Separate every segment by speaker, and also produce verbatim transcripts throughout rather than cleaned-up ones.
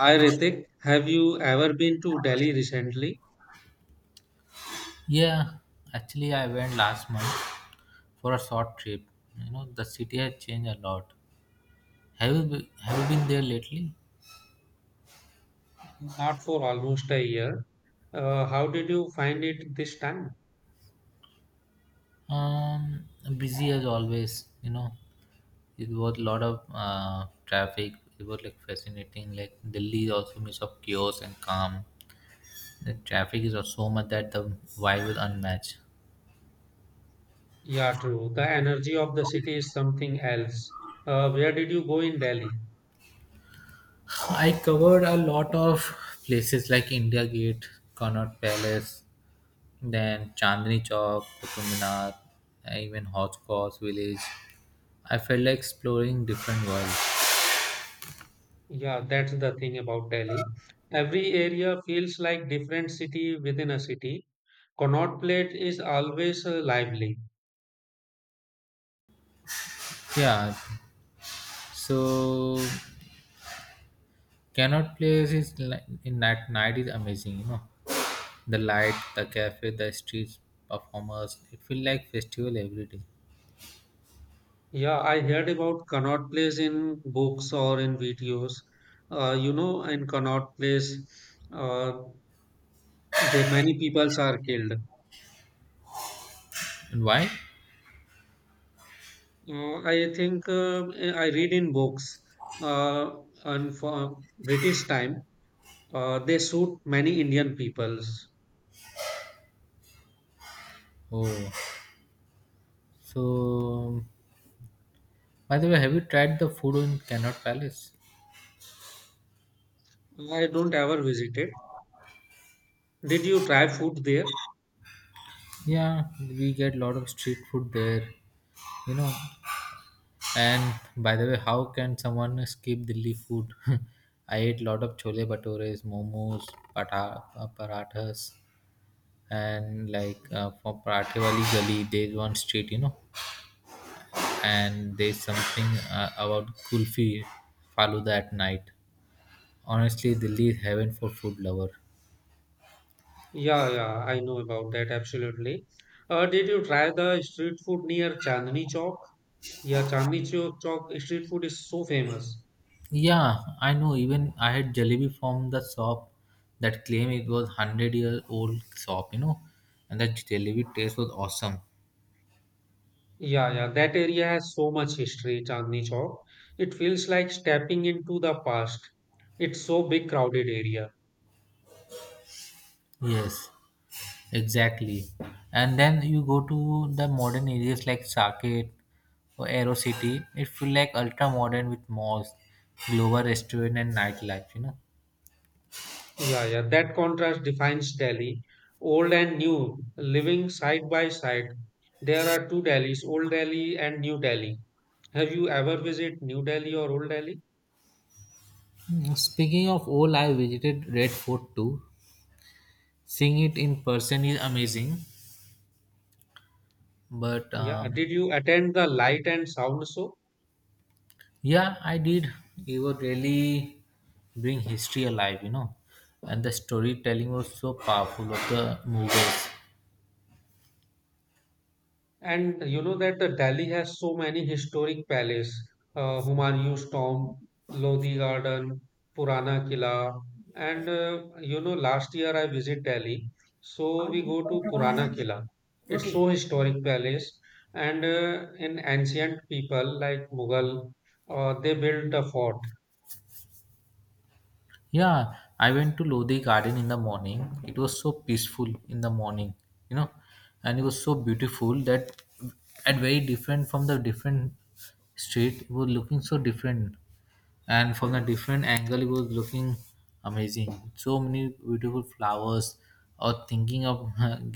Speaker 1: Hi Ritik, have you ever been to Delhi recently?
Speaker 2: Yeah, actually, I went last month for a short trip. You know, the city has changed a lot. Have you be- have you been there lately?
Speaker 1: Not for almost a year. Uh, how did you find it this time?
Speaker 2: Um, Busy as always. You know, it was a lot of uh, traffic. It was like fascinating. Like Delhi is also mix of chaos and calm. The traffic is so much that the vibe is unmatched.
Speaker 1: Yeah, true. The energy of the city is something else. Uh, where did you go in Delhi?
Speaker 2: I covered a lot of places like India Gate, Connaught Palace, then Chandni Chowk, Qutub Minar, and even Hotchkiss Village. I felt like exploring different worlds.
Speaker 1: Yeah, that's the thing about Delhi. Every area feels like different city within a city. Connaught Place is always uh, lively.
Speaker 2: Yeah, so cannot place is like in that night is amazing. You know, the light, the cafe, the streets, performers. It feel like festival every day.
Speaker 1: Yeah, I heard about Connaught Place in books or in videos. Uh, you know, in Connaught Place. uh, The many peoples are killed.
Speaker 2: And why?
Speaker 1: Uh, I think uh, I read in books uh, and for British time, uh, they shoot many Indian peoples.
Speaker 2: Oh, so by the way, have you tried the food in Cannot Palace?
Speaker 1: I don't ever visited. Did you try food there?
Speaker 2: Yeah, we get lot of street food there. You know, and by the way, how can someone skip Delhi food? I ate lot of chole bhatures, momos, pata, uh, parathas, and like uh, for parathe wali gali, there's one street, you know, and there's something uh, about kulfi, faluda at night. Honestly, Delhi is heaven for food lover.
Speaker 1: Yeah, yeah, I know about that absolutely. Uh, did you try the street food near Chandni Chowk? Yeah, Chandni Chowk Chowk street food is so famous.
Speaker 2: Yeah, I know. Even I had jalebi from the shop that claim it was hundred year old shop, you know, and that jalebi taste was awesome.
Speaker 1: Yeah, yeah, that area has so much history, Chandni Chowk. It feels like stepping into the past. It's so big, crowded area.
Speaker 2: Yes. Exactly. And then you go to the modern areas like Saket or Aero City. It feel like ultra modern with malls, global restaurant and nightlife, you know.
Speaker 1: Yeah, yeah, that contrast defines Delhi, old and new, living side by side. There are two Delhis, Old Delhi and New Delhi. Have you ever visited New Delhi or Old Delhi?
Speaker 2: Mm, Speaking of all, I visited Red Fort too. Seeing it in person is amazing. But
Speaker 1: Yeah, did
Speaker 2: um,
Speaker 1: you attend the Light and Sound show?
Speaker 2: yeah, I did. It would really bring history alive, you know. And the storytelling was so powerful of the movies.
Speaker 1: And you know that uh, Delhi has so many historic palaces, uh, Humayun's tomb, Lodi Garden, Purana Killa, and uh, you know last year I visit Delhi, so we go to Purana Killa. It's so
Speaker 2: Roti.
Speaker 1: historic palace, and uh, in ancient people like Mughal, uh, they built a fort.
Speaker 2: Yeah, I went to Lodi Garden in the morning. It was so peaceful in the morning, you know, and it was so beautiful that and very different from the different street. It was looking so different, and from the different angle, it was looking amazing. So many beautiful flowers. Or thinking of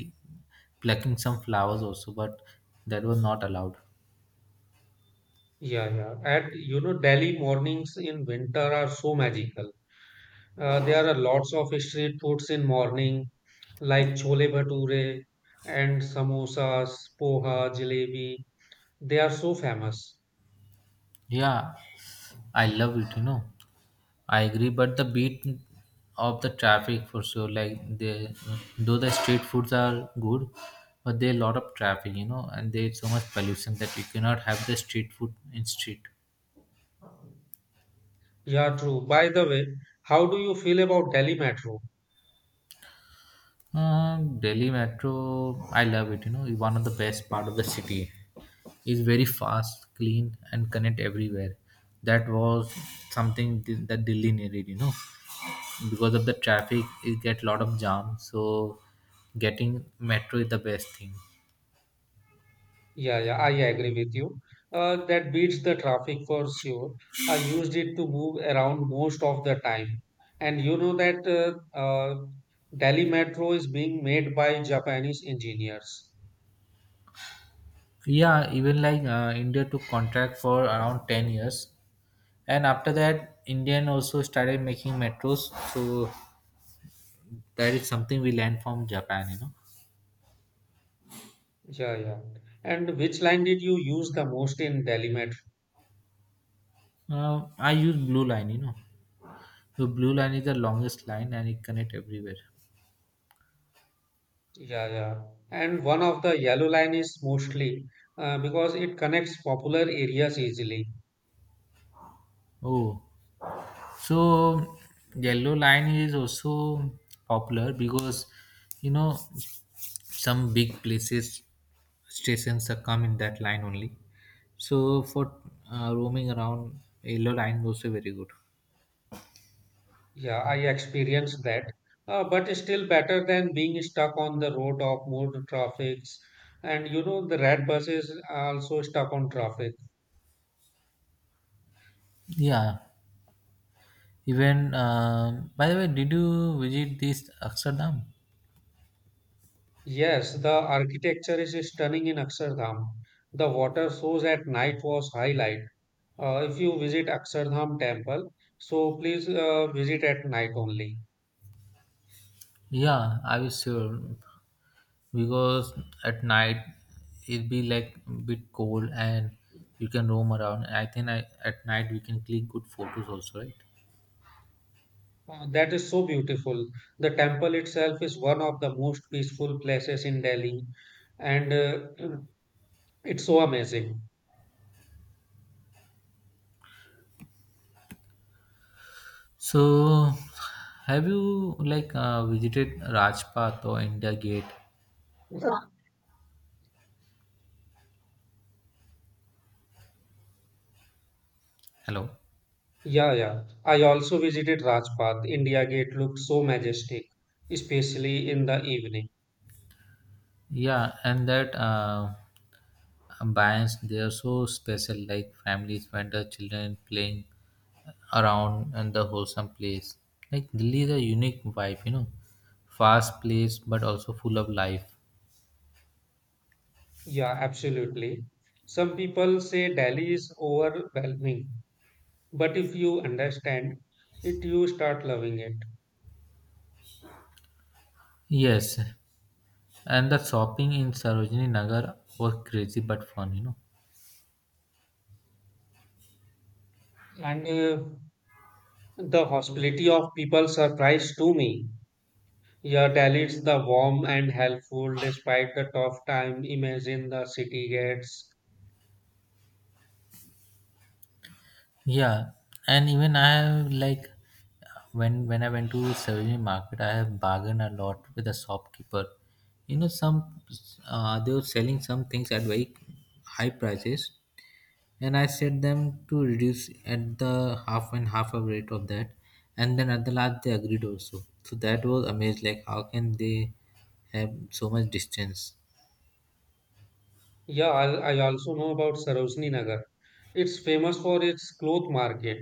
Speaker 2: plucking some flowers also, but that was not allowed.
Speaker 1: Yeah, yeah. At you know Delhi mornings in winter are so magical. Uh, there are lots of street foods in morning like chole bhature and samosas, poha, jalebi. They are so famous.
Speaker 2: Yeah, I love it. You know, I agree, but the beat of the traffic for sure. Like they, though the street foods are good, but there are a lot of traffic, you know, and there's so much pollution that you cannot have the street food in street.
Speaker 1: Yeah, true. By the way, how do you feel about Delhi Metro?
Speaker 2: Um, Delhi Metro, I love it. You know, it's one of the best part of the city. It's very fast, clean, and connect everywhere. That was something th- that Delhi needed. You know, because of the traffic, it get a lot of jam. So, getting metro is the best thing.
Speaker 1: Yeah, yeah, I agree with you. Uh, that beats the traffic for sure. I used it to move around most of the time. And you know that uh, uh, Delhi Metro is being made by Japanese engineers.
Speaker 2: Yeah, even like uh, India took contract for around ten years. And after that, Indian also started making metros. So that is something we learned from Japan, you know.
Speaker 1: Yeah, yeah. And which line did you use the most in Delimet?
Speaker 2: Uh, I use blue line, you know. So blue line is the longest line and it connect everywhere.
Speaker 1: Yeah, yeah. And one of the yellow line is mostly, uh, because it connects popular areas easily.
Speaker 2: Oh, so yellow line is also popular because you know some big places stations are come in that line only so for uh, roaming around yellow line was also very good.
Speaker 1: Yeah, I experienced that. Uh, but still better than being stuck on the road of more traffics. And you know, the red bus is also stuck on traffic.
Speaker 2: Yeah, even um by the way did you visit this amsterdam?
Speaker 1: Yes, the architecture is stunning in Akshardham. The water shows at night was highlight. Uh, if you visit Akshardham temple, so please uh, visit at night only.
Speaker 2: Yeah, I was sure because at night it be like a bit cold and you can roam around. I think I, at night we can click good photos also, right?
Speaker 1: Uh, that is so beautiful. The temple itself is one of the most peaceful places in Delhi, and uh, it's so amazing.
Speaker 2: So have you like uh, visited rajpath or india gate?
Speaker 1: Yeah,
Speaker 2: Hello.
Speaker 1: yeah. yeah. I also visited Rajpath. India Gate looked so majestic, especially in the evening.
Speaker 2: Yeah, and that uh, bands they are so special, like families, vendor, children playing around and the wholesome place. Like Delhi is a unique vibe, you know, fast place but also full of life.
Speaker 1: Yeah, absolutely. Some people say Delhi is overwhelming, but if you understand it, you start loving it.
Speaker 2: Yes, and the shopping in Sarojini Nagar was crazy but fun, you know.
Speaker 1: And uh, the hospitality of people surprised to me. Your Dalits the warm and helpful despite the tough time. Imagine the city gets.
Speaker 2: Yeah, and even I have like when when I went to Savage Market, I have bargained a lot with the shopkeeper. You know, some uh, they were selling some things at very high prices, and I said them to reduce at the half and half of rate of that, and then at the last they agreed also. So that was amazed. Like, how can they have so much distance?
Speaker 1: Yeah, I'll- I also know about Sarojini Nagar. It's famous for its cloth market.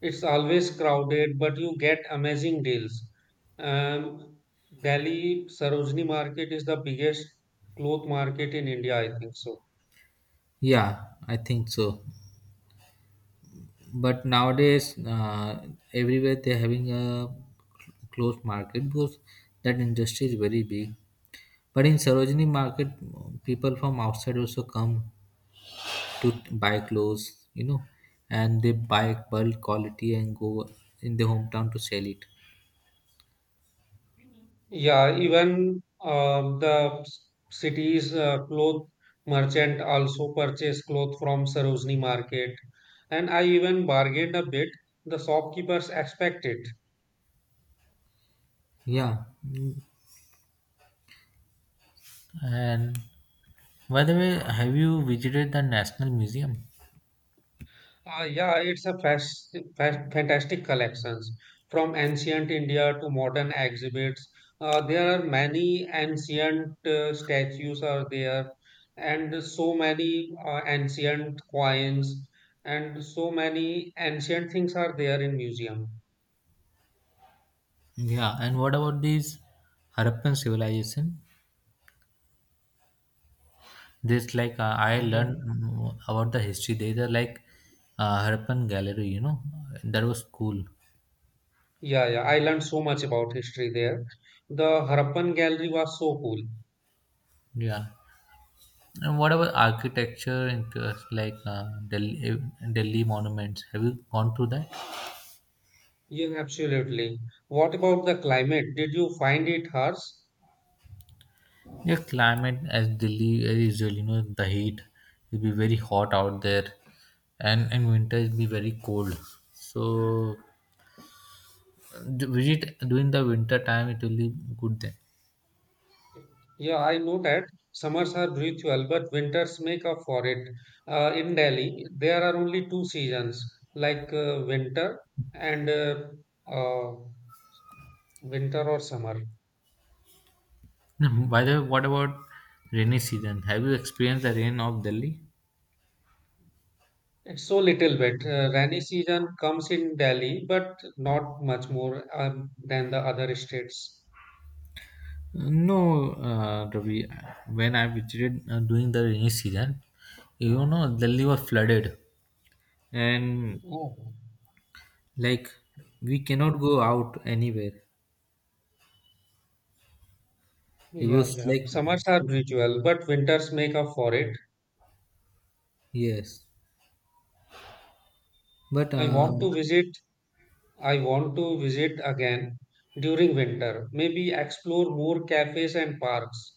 Speaker 1: It's always crowded, but you get amazing deals. Um, Delhi Sarojini Market is the biggest cloth market in India, I think so.
Speaker 2: Yeah, I think so. But nowadays, uh, everywhere they're having a closed market because that industry is very big. But in Sarojini market, people from outside also come to buy clothes, you know, and they buy bulk quality and go in their hometown to sell it.
Speaker 1: Yeah, even um, the s- city's uh, cloth merchant also purchase cloth from Sarojini market, and I even bargained a bit. The shopkeepers expected.
Speaker 2: Yeah. Mm. And by the way, have you visited the National Museum?
Speaker 1: Uh, yeah, it's a fas- fa- fantastic collections from ancient India to modern exhibits. Uh, there are many ancient uh, statues are there, and so many uh, ancient coins, and so many ancient things are there in museum.
Speaker 2: Yeah. And what about this Harappan civilization? This like uh, I
Speaker 1: Mhm.
Speaker 2: learned mm, about the history. There's a like uh, Harappan Gallery, you know, that was cool.
Speaker 1: Yeah, yeah, I learned so much about history there. The Harappan Gallery was so cool.
Speaker 2: Yeah. And what about architecture and uh, like uh, Delhi, eh, Delhi monuments? Have you gone through that?
Speaker 1: Yeah, absolutely. What about the climate? Did you find it harsh?
Speaker 2: Yeah, climate as Delhi as usual, you know, the heat will be very hot out there, and in winter it will be very cold. So, uh, visit during the winter time, it will be good then.
Speaker 1: Yeah, I know that summers are brutal, but winters make up for it. Uh, in Delhi, there are only two seasons, like uh, winter and uh, uh, winter or summer.
Speaker 2: By the way, what about rainy season? Have you experienced the rain of Delhi?
Speaker 1: It's so little bit. Uh, rainy season comes in Delhi, but not much more um, than the other states.
Speaker 2: No, uh, Ravi. When I visited uh, during the rainy season, you know, Delhi was flooded, and
Speaker 1: Oh.
Speaker 2: like we cannot go out anywhere. It
Speaker 1: Yeah,
Speaker 2: was
Speaker 1: yeah.
Speaker 2: like
Speaker 1: Summers are brutal, but winters make up for it.
Speaker 2: yes, but
Speaker 1: I
Speaker 2: uh,
Speaker 1: want to visit I want to visit again during winter, maybe explore more cafes and parks.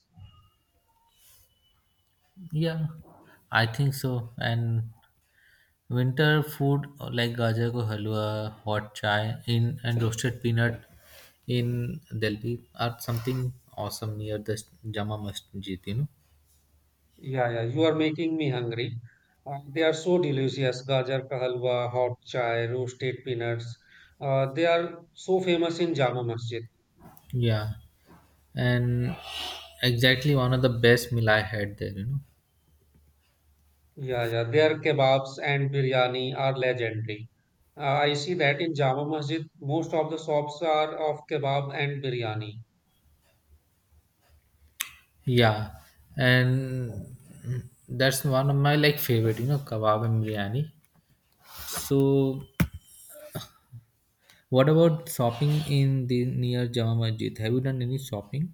Speaker 2: yeah, I think so. And winter food uh, like gajar ko halwa, hot chai in and roasted peanut in Delhi are something awesome near the Jama Masjid, you know.
Speaker 1: Yeah, yeah, you are making me hungry. Uh, they are so delicious, gajar ka halwa, hot chai, roasted peanuts. Uh, they are so famous in Jama Masjid.
Speaker 2: Yeah, and exactly one of the best meal I had there, you know.
Speaker 1: Yeah, yeah, their kebabs and biryani are legendary. Uh, I see that in Jama Masjid, most of the shops are of kebab and biryani.
Speaker 2: Yeah, and that's one of my like favorite, you know, kebab and biryani. So, what about shopping in the near Jama Masjid? Have you done any shopping?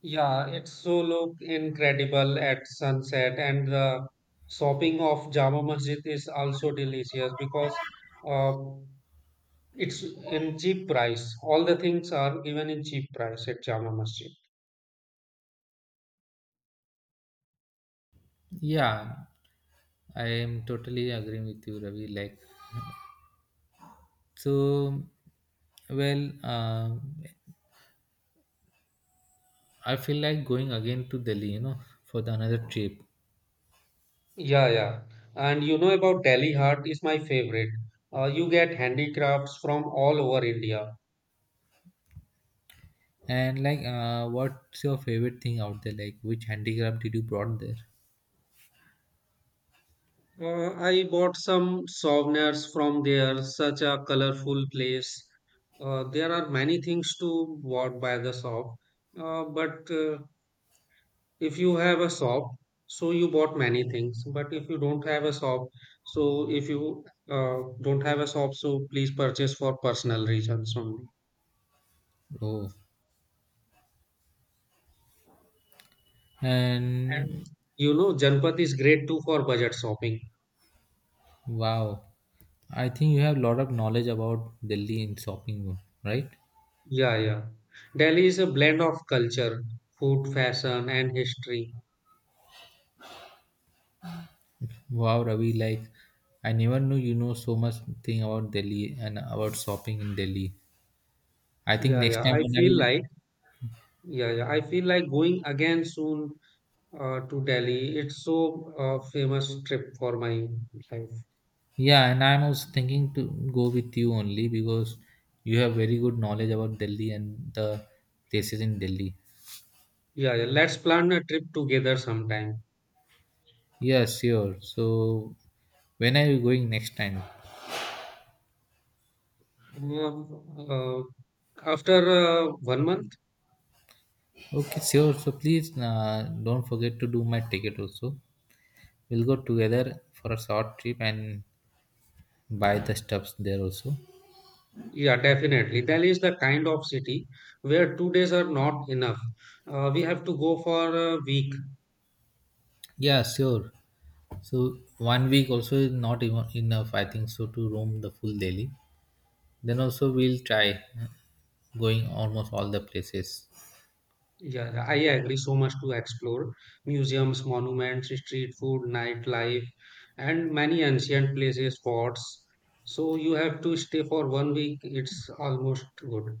Speaker 1: Yeah, it so look incredible at sunset, and the shopping of Jama Masjid is also delicious because uh, it's in cheap price. All the things are given in cheap price at Jama Masjid.
Speaker 2: Yeah, I am totally agreeing with you, Ravi. Like, so, well, um I feel like going again to Delhi, you know, for the another trip.
Speaker 1: Yeah, yeah. And you know about Delhi Heart is my favorite. Uh, you get handicrafts from all over India.
Speaker 2: And like, uh, what's your favorite thing out there? Like, which handicraft did you brought there?
Speaker 1: Uh, I bought some souvenirs from there, such a colorful place. Uh, there are many things to bought by the shop, uh, but uh, if you have a shop, so you bought many things. But if you don't have a shop, so if you uh, don't have a shop, so please purchase for personal reasons only.
Speaker 2: Oh, and
Speaker 1: And you know, Janpat is great too for budget shopping.
Speaker 2: wow, I think you have a lot of knowledge about Delhi in shopping, right?
Speaker 1: Yeah, yeah. Delhi is a blend of culture, food, fashion, and history.
Speaker 2: Wow, Ravi, like, I never knew you know so much thing about Delhi and about shopping in Delhi. I think
Speaker 1: Yeah,
Speaker 2: next
Speaker 1: yeah.
Speaker 2: time
Speaker 1: I
Speaker 2: when I
Speaker 1: feel
Speaker 2: will.
Speaker 1: like Yeah, yeah. I feel like going again soon uh, to Delhi. It's so uh, famous trip for my life.
Speaker 2: Yeah, and I'm also thinking to go with you only because you have very good knowledge about Delhi and the places in Delhi.
Speaker 1: Yeah, yeah. Let's plan a trip together sometime.
Speaker 2: Yeah, sure. So, when are you going next time?
Speaker 1: Uh, uh, After uh, one month,
Speaker 2: Okay, sure. So, please uh, don't forget to do my ticket also. We'll go together for a short trip and buy the stuffs there also.
Speaker 1: yeah, definitely. Delhi is the kind of city where two days are not enough. Uh, we have to go for a week.
Speaker 2: Yeah, sure. So, one week also is not even enough, I think so, to roam the full Delhi. Then also we'll try going almost all the places.
Speaker 1: Yeah, yeah, I agree so much to explore museums, monuments, street food, nightlife, and many ancient places, spots. So you have to stay for one week. It's almost good.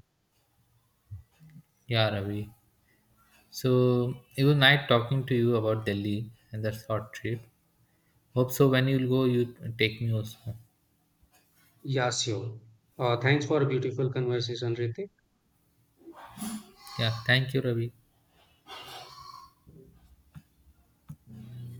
Speaker 2: Yeah, Ravi. So it was nice talking to you about Delhi and the short trip. Hope so when you'll go, you take me also.
Speaker 1: Yeah, sure. Uh, thanks for a beautiful conversation, Ritik.
Speaker 2: Yeah, thank you, Ravi.